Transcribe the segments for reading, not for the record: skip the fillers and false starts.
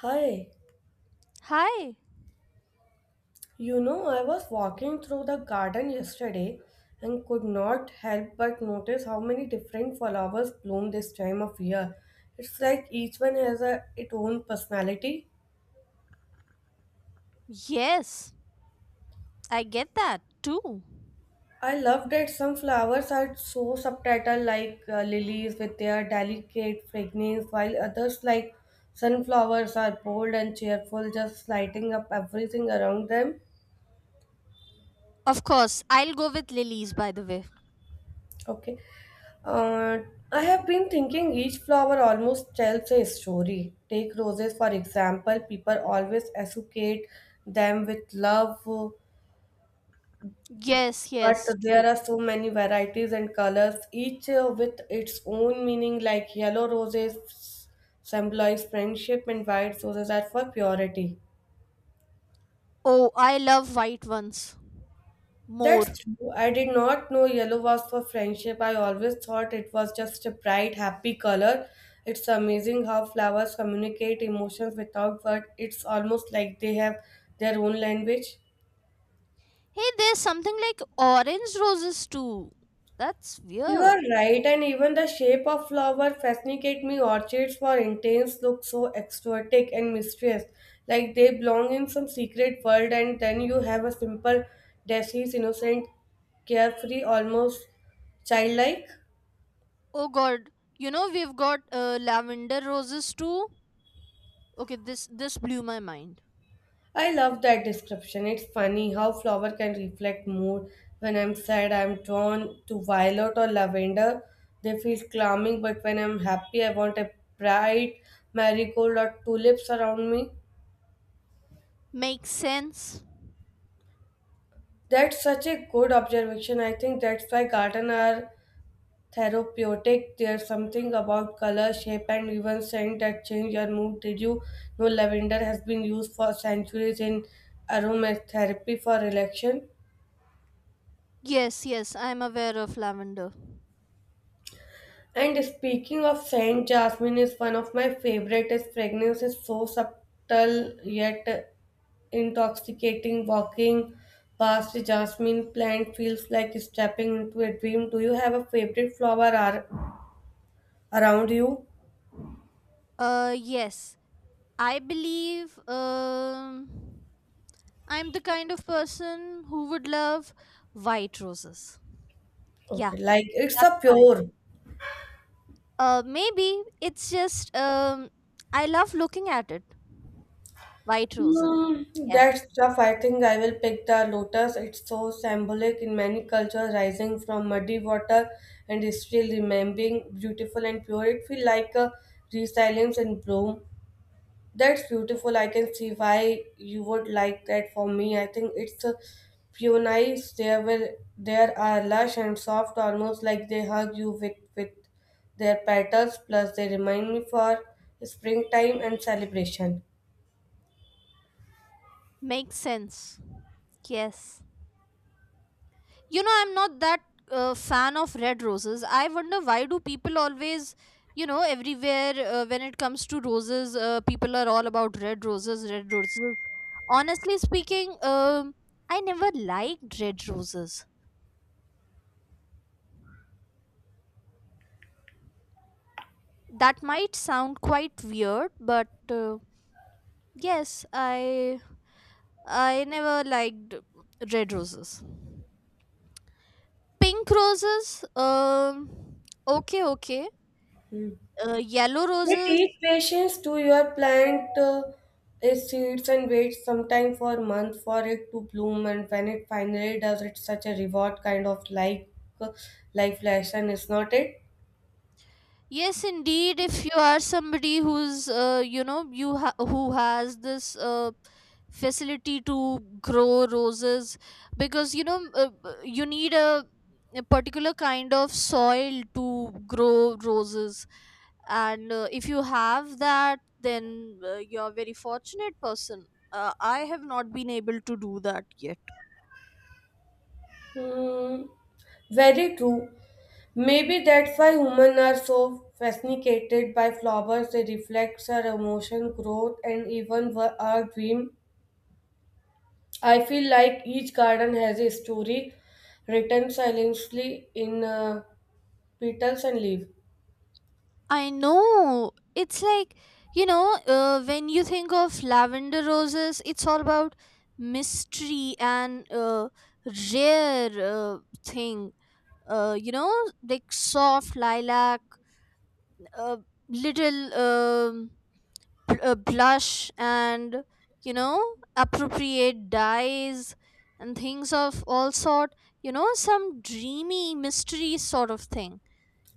Hi, Hi. you know, I was walking through the garden yesterday and could not help but notice how many different flowers bloom this time of year. It's like each one has a, its own personality. Yes, I get that too. I love that some flowers are so subtle, like lilies with their delicate fragrance, while others, like sunflowers, are bold and cheerful, just lighting up everything around them. Of course, I'll go with lilies by the way. Okay. Uh, I have been thinking each flower almost tells a story. Take roses, for example, people always associate them with love, but Yes, there true. are so many varieties and colors, each with its own meaning, like yellow roses symbolize friendship and white roses are for purity. Oh, I love white ones more. That's true. I did not know yellow was for friendship. I always thought it was just a bright, happy color. It's amazing how flowers communicate emotions without words. It's almost like they have their own language. Hey, there's something like orange roses too. That's You are weird. right, and even the shape of flower fascinate me. Orchids for intense look so exotic and mysterious, like they belong in some secret world. And then you have a simple, deceased, innocent, carefree, almost childlike. Oh god, you know we've got lavender roses too. Okay, this blew my mind. I love that description. It's funny how flower can reflect mood. When I'm sad, I'm drawn to violet or lavender. They feel calming, but when I'm happy, I want a bright marigold or tulips around me. Makes sense. That's such a good observation. I think that's why garden are therapeutic. There's something about color, shape, and even scent that change your mood. Did you know lavender has been used for centuries in aromatherapy for relaxation? Yes, I'm aware of lavender. And speaking of scent, jasmine is one of my favorite. Its fragrance is so subtle yet intoxicating. Walking past a jasmine plant feels like stepping into a dream. Do you have a favorite around you? Yes, I believe I'm the kind of person who would love white roses. Yeah, Okay, like it's that's a fine. pure. Maybe it's just I love looking at it. White roses. Mm, that's Yes, tough. I think I will pick the lotus. It's so symbolic in many cultures, rising from muddy water and still remaining beautiful and pure. It feels like a resilience in bloom. That's beautiful. I can see why you would like that for me. I think it's a peonies. They will there are lush and soft, almost like they hug you with their petals. Plus, they remind me for springtime and celebration. makes sense. Yes, you know I'm not that fan of red roses. I wonder why do people always, you know, everywhere when it comes to roses, people are all about red roses, red roses. Honestly speaking, I never liked red roses. That might sound quite weird but yes, I never liked red roses, pink roses, okay, okay, yellow We roses. take patience to your plant its seeds and wait sometime for a month for it to bloom, and when it finally does it's such a reward, kind of like uh, life lesson, is not it? Yes, indeed. If you are somebody who's, you know, who has this facility to grow roses, because you know, you need a particular kind of soil to grow roses, and if you have that, then you're a very fortunate person. I have not been able to do that yet. Hmm, very true. Maybe that's why humans are so fascinated by flowers. They reflect our emotion, growth, and even our dream. I feel like each garden has a story written silently in petals and leaves. I know. It's like, you know, when you think of lavender roses, it's all about mystery and rare thing. You know, like soft lilac, uh, little blush, and you know, appropriate dyes and things of all sort. You know, some dreamy mystery sort of thing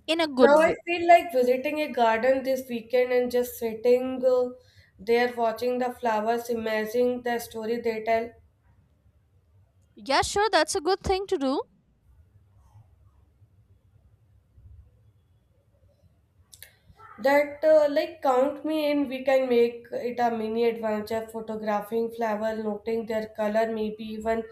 in a good Now I way. feel like visiting a garden this weekend and just sitting there watching the flowers, imagining the story they tell. Yeah, sure, that's a good thing to do. That like count me in, we can make it a mini adventure, photographing flower, noting their color, maybe even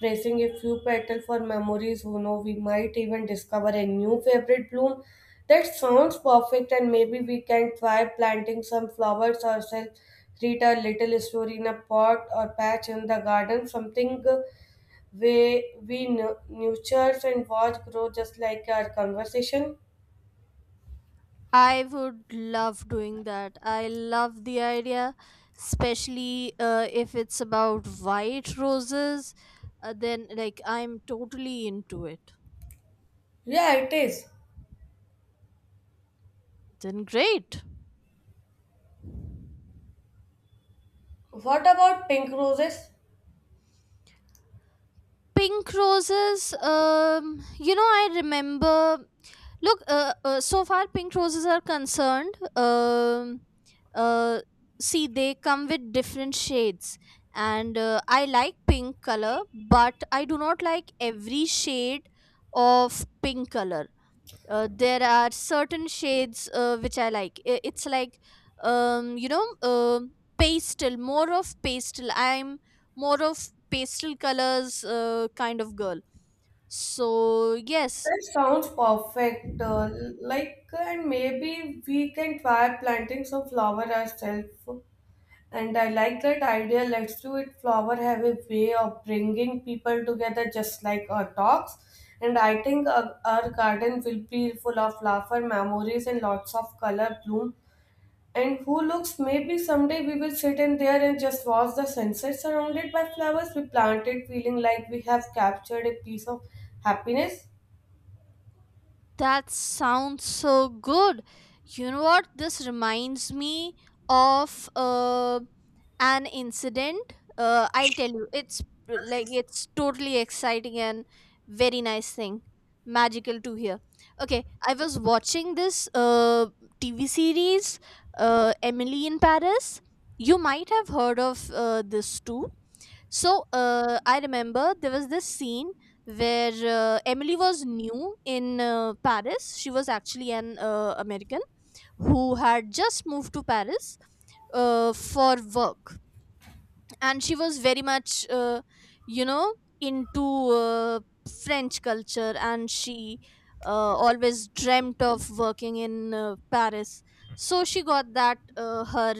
tracing a few petal for memories. Who know, we might even discover a new favorite bloom. That sounds perfect, and maybe we can try planting some flowers ourselves, read a little story in a pot or patch in the garden, something we nurture and watch grow, just like our conversation. I would love doing that. I love the idea, especially if it's about white roses. Then, like, I'm totally into it. Yeah, it is. Then, great. What about pink roses? Pink roses, you know, I remember, look so far pink roses are concerned, um uh see they come with different shades, and I like pink color, but I do not like every shade of pink color. There are certain shades which I like. It's like, you know, pastel, more of pastel. I'm more of pastel colors kind of girl, so yes. That sounds perfect. Like, and maybe we can try planting some flower ourselves. And I like that idea. Let's do it. Flower have a way of bringing people together, just like our talks. And I think our garden will be full of flower memories and lots of color bloom. And who looks, maybe someday we will sit in there and just watch the sunset surrounded by flowers we planted, feeling like we have captured a piece of happiness. That sounds so good. You know what? This reminds me of an incident. I'll tell you. It's like it's totally exciting and very nice thing. Magical to hear. Okay, I was watching this TV series, Emily in Paris. You might have heard of this too. So I remember there was this scene where Emily was new in Paris. She was actually an American who had just moved to Paris for work, and she was very much you know into uh, French culture, and she always dreamt of working in Paris. So she got that her,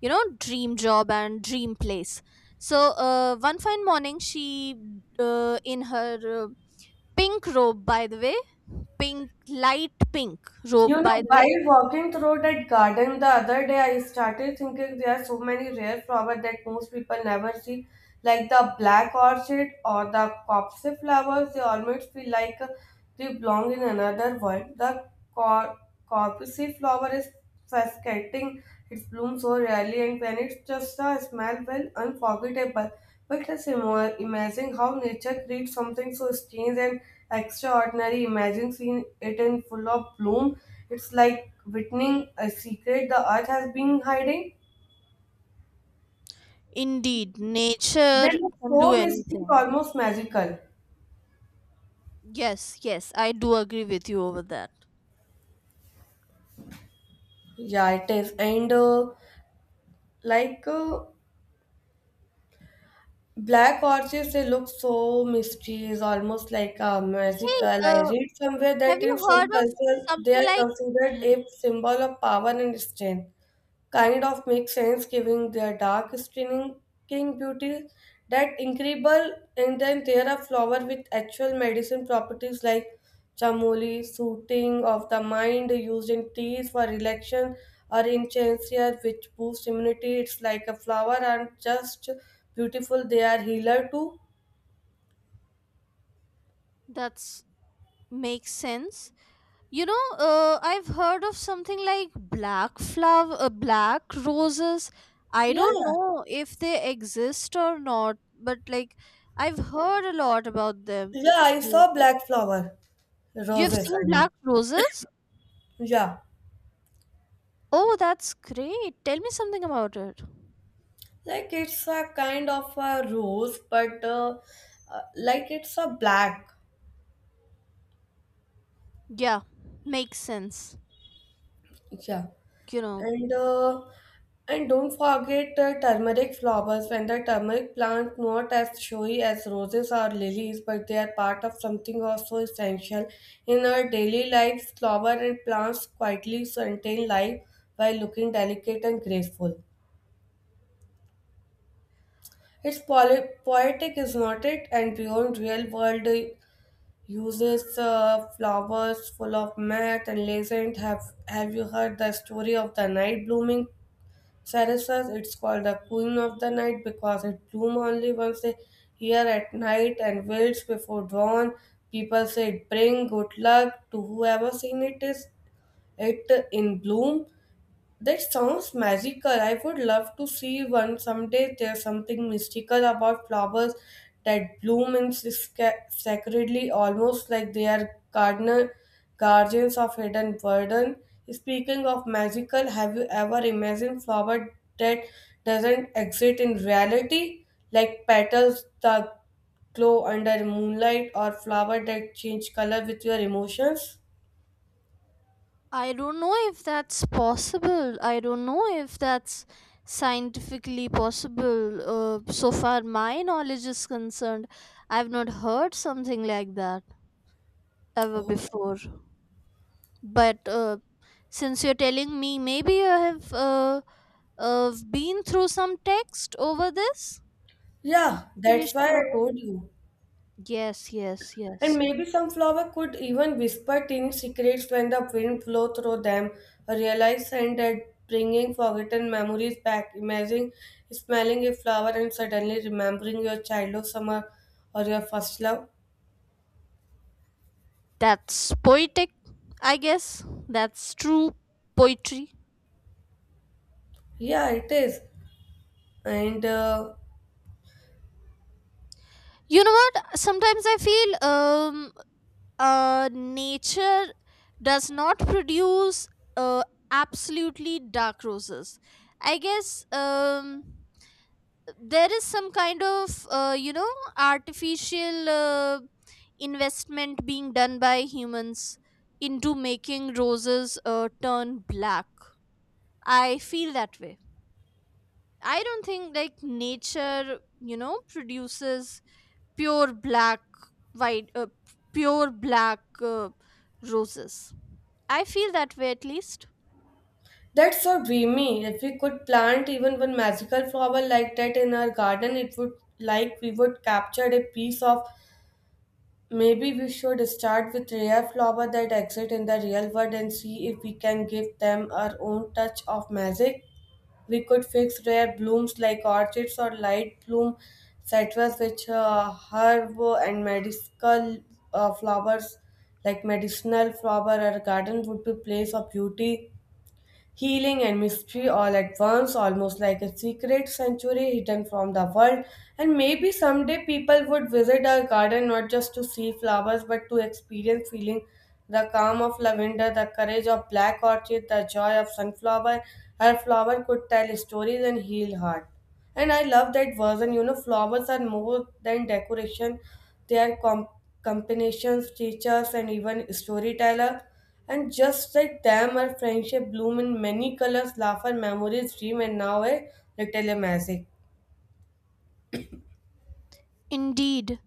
you know, dream job and dream place. So one fine morning she in her pink robe, by the way, pink, light pink robe, You know, by the way. while walking through that garden the other day, I started thinking there are so many rare flowers that most people never see, like the black orchid or the copse flowers. They almost feel like they belong in another world. The cor- copse flower is fascinating, it blooms so rarely, and when it's just a smell, well, unforgettable. But just imagine how nature creates something so strange and extraordinary. Imagine seeing it in full of bloom. It's like witnessing a secret the earth has been hiding. Indeed, They nature look can do so mystic, anything. almost magical. Yes, I do agree with you over that. Yeah, it is. And like uh, black orchids, they look so mysterious, almost like a Hey, magical. I read somewhere have that in you some heard of cultures they something are like considered bl- a symbol of power and strength, kind of makes sense giving their dark stinging beauty. That incredible, and then there are flower with actual medicine properties, like chamoli, soothing of the mind, used in teas for relaxation, or in chancea, which boosts immunity. It's like a flower and just beautiful, they are healer too. that's, makes sense? You know, I've heard of something like black flower, black roses. I don't Yeah, know if they exist or not, but like I've heard a lot about them. yeah, I Yeah. saw black flower. You've Roses, seen I mean. black roses? Yeah, Oh, that's great. Tell me something about it. like it's a kind of a rose, but like it's a black. Yeah, makes sense. Yeah. You know, And and don't forget the turmeric flowers, when the turmeric plant, not as showy as roses or lilies, but they are part of something also essential in our daily lives. Flower and plants quietly sustain life by looking delicate and graceful. It's poetic, is not it? And beyond real world uses, flowers full of myrrh and legend. Have you heard the story of the night blooming sarasas? It's called the queen of the night because it blooms only once a year at night and wilts before dawn. People say it bring good luck to whoever seen it is it in bloom. That sounds magical. I would love to see one someday. There's something mystical about flowers that bloom in sacredly, almost like they are gardener, guardians of hidden burden. Speaking of magical, have you ever imagined flower that doesn't exist in reality, like petals that glow under moonlight or flower that change color with your emotions? I don't know if that's possible. I don't know if that's scientifically possible. So far, my knowledge is concerned, I've not heard something like that ever Oh, before. But since you're telling me, maybe I have been through some text over this. I'm yeah, pretty that's why sure. I told you. And Yes. maybe some flower could even whisper tiny secrets when the wind blow through them, realize scent that bringing forgotten memories back. Imagine smelling a flower and suddenly remembering your childhood summer or your first love. That's poetic, I guess. That's true poetry. Yeah, it is. And You know what? Sometimes I feel nature does not produce uh, absolutely dark roses. I guess there is some kind of, you know, artificial investment being done by humans into making roses turn black. I feel that way. I don't think like nature, you know, produces pure black, white, pure black uh, roses. I feel that way, at least. that's so dreamy. If we could plant even one magical flower like that in our garden, it would like we would capture a piece of. Maybe we should start with rare flowers that exist in the real world and see if we can give them our own touch of magic. We could fix rare blooms like orchids or light bloom citrus, which herb and medicinal flowers, like medicinal flower or garden would be place of beauty, healing and mystery all at once, almost like a secret sanctuary hidden from the world. And maybe someday people would visit our garden not just to see flowers but to experience feeling the calm of lavender, the courage of black orchid, the joy of sunflower. Her flower could tell stories and heal heart. And I love that version. You know, flowers are more than decoration; they are combinations, teachers, and even storyteller. And just like them, our friendship bloomed in many colors, laughter, memories, dream, and now a little magic. Indeed.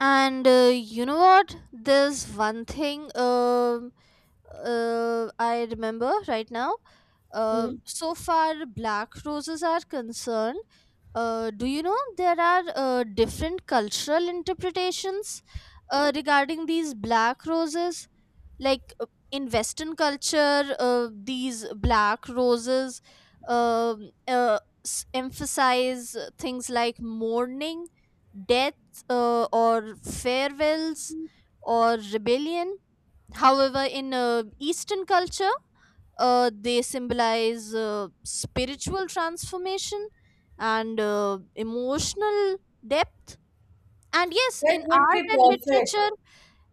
And you know what, there's one thing, I remember right now. Hmm. So far, black roses are concerned. Do you know there are different cultural interpretations regarding these black roses? Like in Western culture, these black roses um uh, emphasize things like mourning, death, or farewells, or rebellion. However, in Eastern culture, they symbolize spiritual transformation and emotional depth. And yes, That in would art be and perfect. literature,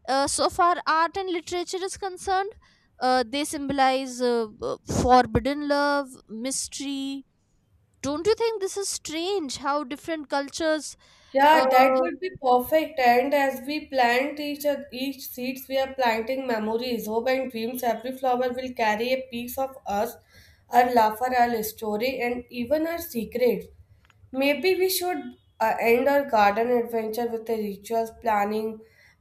so far art and literature is concerned, they symbolize forbidden love, mystery. Don't you think this is strange how different cultures uh, Yeah, that would be perfect. And as we plant each seeds, we are planting memories, hope, and dreams. Every flower will carry a piece of us, our laughter, our story, and even our secret. Maybe we should end our garden adventure with the rituals planning,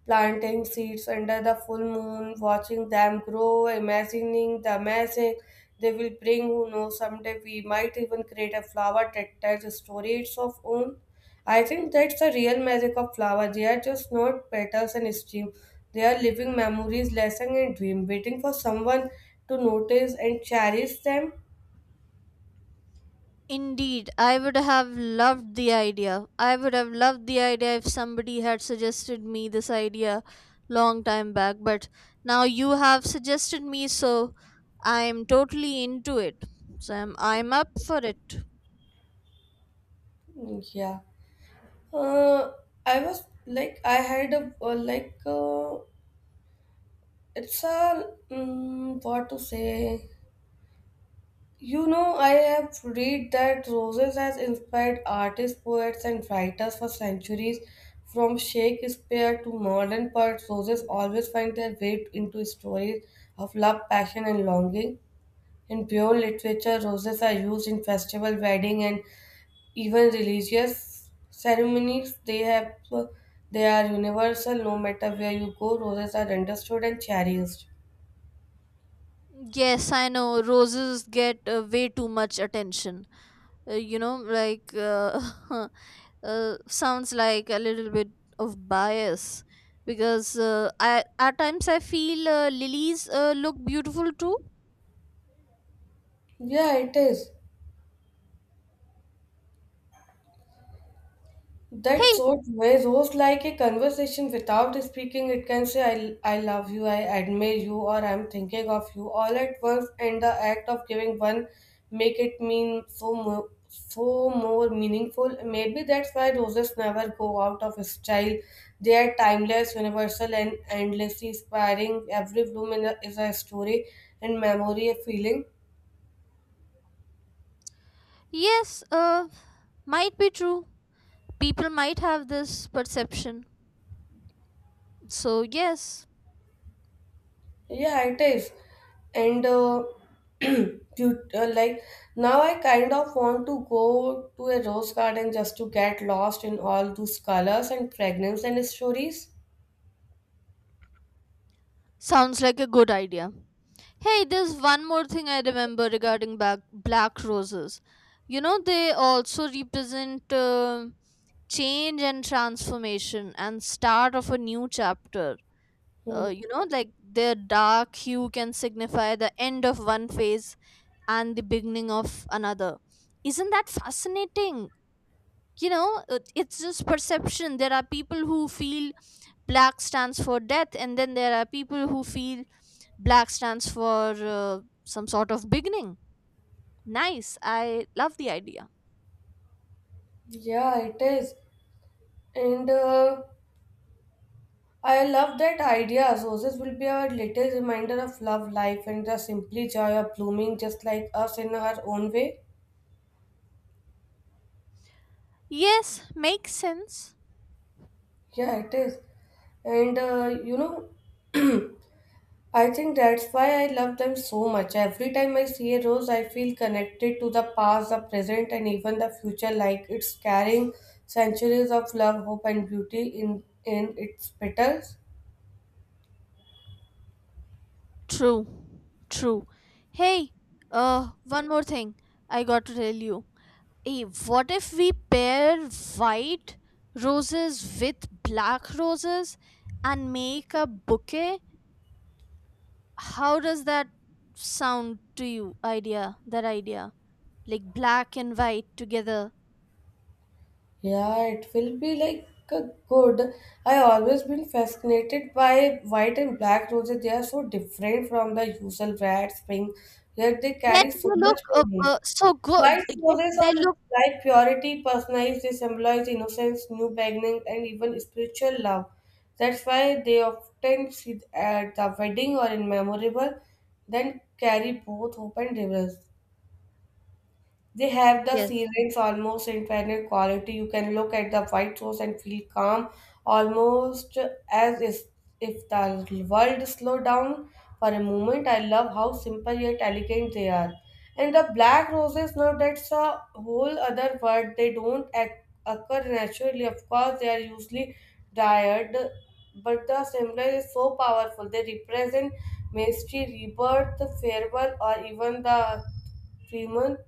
planting seeds under the full moon, watching them grow, imagining the magic they will bring. Who knows, someday we might even create a flower that tells a story its of own. I think that's the real magic of flowers. They are just not petals and steam. They are living memories, lessons, and dream, waiting for someone to notice and cherish them. Indeed, I would have loved the idea. I would have loved the idea if somebody had suggested me this idea long time back, but now you have suggested me, so I'm totally into it. So I'm up for it. Yeah. Uh, I was like I had a it's a what to say. You know, I have read that roses has inspired artists, poets, and writers for centuries. From Shakespeare to modern poets, roses always find their way into stories of love, passion, and longing. In pure literature, roses are used in festival, wedding, and even religious ceremonies, they have they are universal, no matter where you go, roses are understood and cherished. Yes, I know roses get way too much attention. You know, like, sounds like a little bit of bias because at times I feel lilies look beautiful too. Yeah, it is. Hey, That's so true. It's almost like a conversation without speaking. It can say, I love you, I admire you, or I'm thinking of you all at once. And the act of giving one make it mean so more, so more meaningful. Maybe that's why roses never go out of style. They are timeless, universal, and endlessly inspiring. Every bloom in is a story and memory, a feeling. yes, might be true, people might have this perception, so yes. Yeah, it is. And you, like now, I kind of want to go to a rose garden just to get lost in all those colors and fragrance and stories. Sounds like a good idea. Hey, there's one more thing I remember regarding back, black roses. You know, they also represent change and transformation and start of a new chapter. Hmm. You know, like their dark hue can signify the end of one phase and the beginning of another. Isn't that fascinating? You know, it's just perception. There are people who feel black stands for death, and then there are people who feel black stands for some sort of beginning. Nice. I love the idea. Yeah, it is. And I love that idea. Roses will be our little reminder of love, life, and the simply joy of blooming just like us in our own way. Yes, makes sense. Yeah, it is. And uh, you know, I think that's why I love them so much. Every time I see a rose, I feel connected to the past, the present, and even the future, like it's carrying centuries of love, hope, and beauty in its petals. True, true. Hey, one more thing I got to tell you. Hey, what if we pair white roses with black roses and make a bouquet? How does that sound to you? Idea, that idea. Like black and white together. Yeah, it will be like a good. I always been fascinated by white and black roses. They are so different from the usual red, spring, yet they Yet carry they so look much meaning. So White good. Yet roses they are look. like purity personalized, they symbolize innocence, new beginning, and even spiritual love. That's why they often see at the wedding or in memorable, then carry both hope and reverence. They have the Yes. ceilings almost infinite quality. You can look at the white source and feel calm, almost as is- if the world slowed down for a moment. I love how simple yet elegant they are. And the black roses, now that's a whole other word. They don't occur naturally. Of course, they are usually dyed, but the symbol is so powerful. They represent mystery, rebirth, farewell, or even the freeman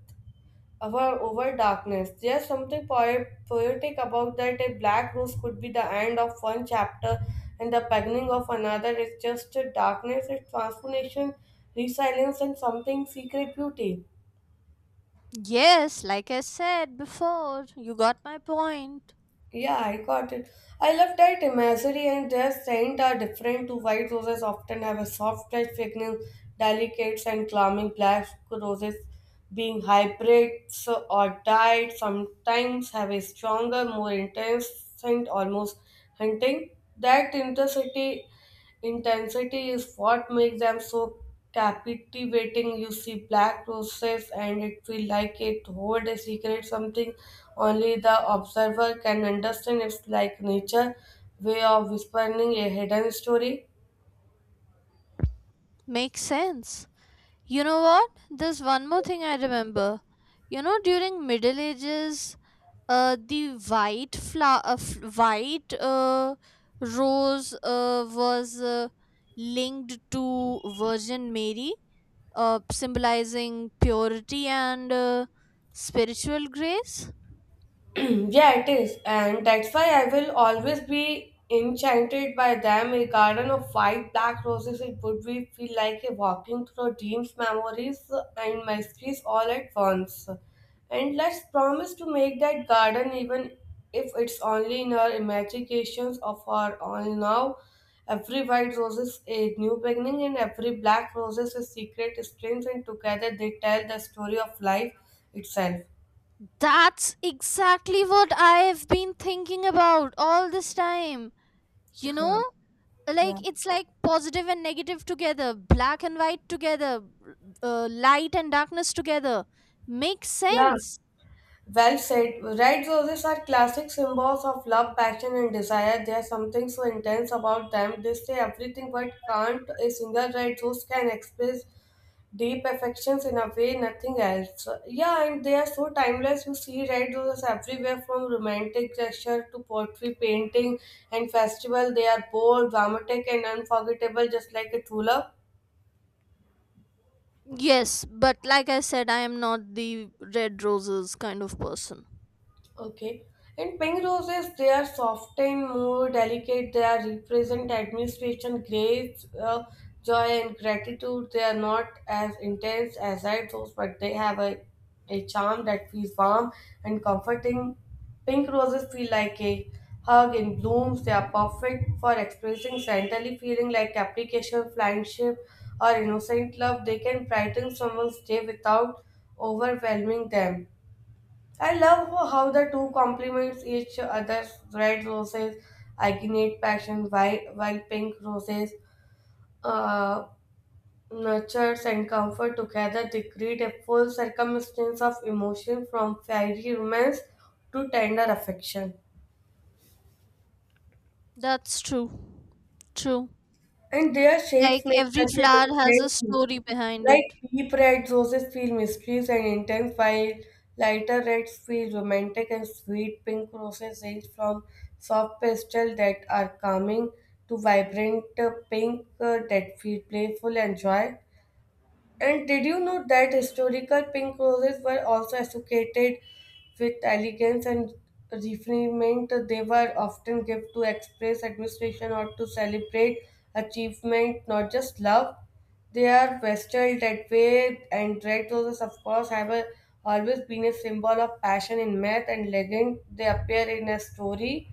over darkness. There's something poetic about that. A black rose could be the end of one chapter and the beginning of another. It's just a darkness, it's transformation, resilience, and something secret beauty. Yes, like I said before, you got my point. Yeah, I got it. I love that imagery and their scent are different to white roses often have a soft touch fragrance, delicate and calming black roses being hybrids or dyed sometimes have a stronger, more intense scent, almost hunting. That intensity Intensity is what makes them so captivating. You see black roses and it feels like it hold a secret, something only the observer can understand. It's like nature way of whispering a hidden story. Makes sense. You know what? There's one more thing I remember. You know, during Middle Ages, the white flower, white rose was linked to Virgin Mary, symbolizing purity and spiritual grace. Yeah, it is. And that's why I will always be enchanted by them. A garden of white black roses, it would be feel like a walking through dreams, memories, and mysteries all at once. And let's promise to make that garden, even if it's only in our imaginations of our own now. Every white rose is a new beginning, and every black rose is a secret strength, and together they tell the story of life itself. That's exactly what I've been thinking about all this time. You know, Yeah. like it's like positive and negative together, black and white together, light and darkness together, makes Yeah. sense. Well said. Red roses are classic symbols of love, passion, and desire. There's something so intense about them. They say everything but can't. A single red rose can express deep affections in a way nothing else. Yeah, and they are so timeless. You see red roses everywhere from romantic gesture to poetry, painting, and festival. They are bold, dramatic, and unforgettable, just like a true love. Yes, but like I said, I am not the red roses kind of person. Okay. And pink roses, they are soft and more delicate. They are represent administration, grace, joy, and gratitude. They are not as intense as red rose, but they have a charm that feels warm and comforting. Pink roses feel like a hug in blooms. They are perfect for expressing sentimentally feeling like application, friendship, or innocent love. They can brighten someone's day without overwhelming them. I love how the two complements each other's red roses ignite passion while pink roses uh, nurtures and comfort together they create a full circumstance of emotion from fiery romance to tender affection. That's true. True. And their Like shades make every such a flower has a difference. story behind Like it. deep red roses feel mysterious and intense, while lighter reds feel romantic and sweet. Pink roses range from soft pastel that are calming to vibrant pink that feel playful and joy. And did you know that historical pink roses were also associated with elegance and refinement? They were often given to express admiration or to celebrate achievement, not just love. They are vested that way, and red roses, of course, have a, always been a symbol of passion in myth and legend. They appear in a story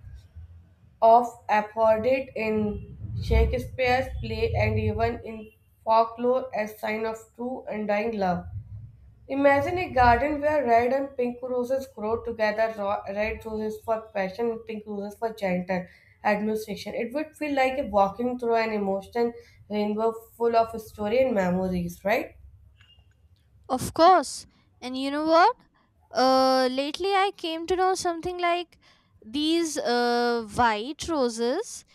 of afforded in Shakespeare's play and even in folklore as sign of true and dying love. Imagine a garden where red and pink roses grow together, red roses for passion and pink roses for gentle administration. It would feel like a walking through an emotional rainbow full of story and memories, right? Of course. And you know what? Lately I came to know something like these white roses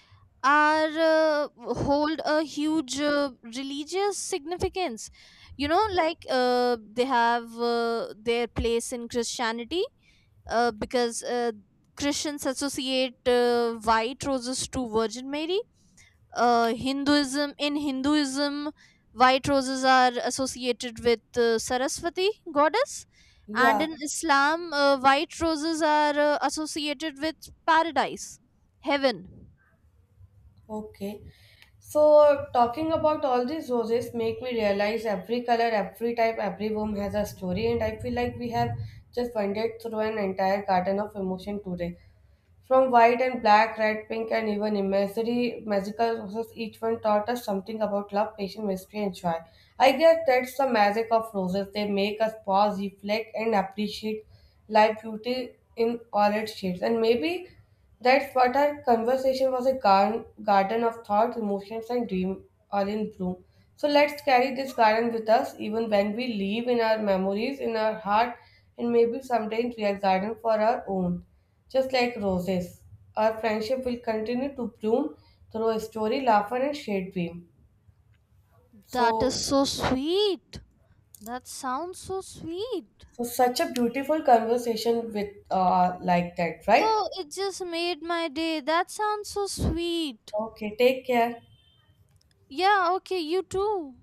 are hold a huge religious significance. You know, like they have their place in Christianity, because Christians associate white roses to Virgin Mary. Hinduism. In Hinduism, white roses are associated with Saraswati goddess, and Yeah. in Islam, white roses are associated with paradise, heaven. Okay. So talking about all these roses make me realize every color, every type, every room has a story, and I feel like we have just wandered through an entire garden of emotion today. From white and black, red, pink, and even imaginary magical roses, each one taught us something about love, patience, mystery, and joy. I guess that's the magic of roses. They make us pause, reflect, and appreciate life beauty in all its shades. And maybe that's what our conversation was a garden, garden of thoughts, emotions, and dream all in bloom. So let's carry this garden with us even when we leave in our memories, in our heart, and maybe someday in real garden for our own. Just like roses, our friendship will continue to bloom through a story, laughter, and shade beam. That So, is so sweet. That sounds so sweet. so such a beautiful conversation with like that, right? Oh, it just made my day. That sounds so sweet. Okay, take care. Yeah, okay, you too.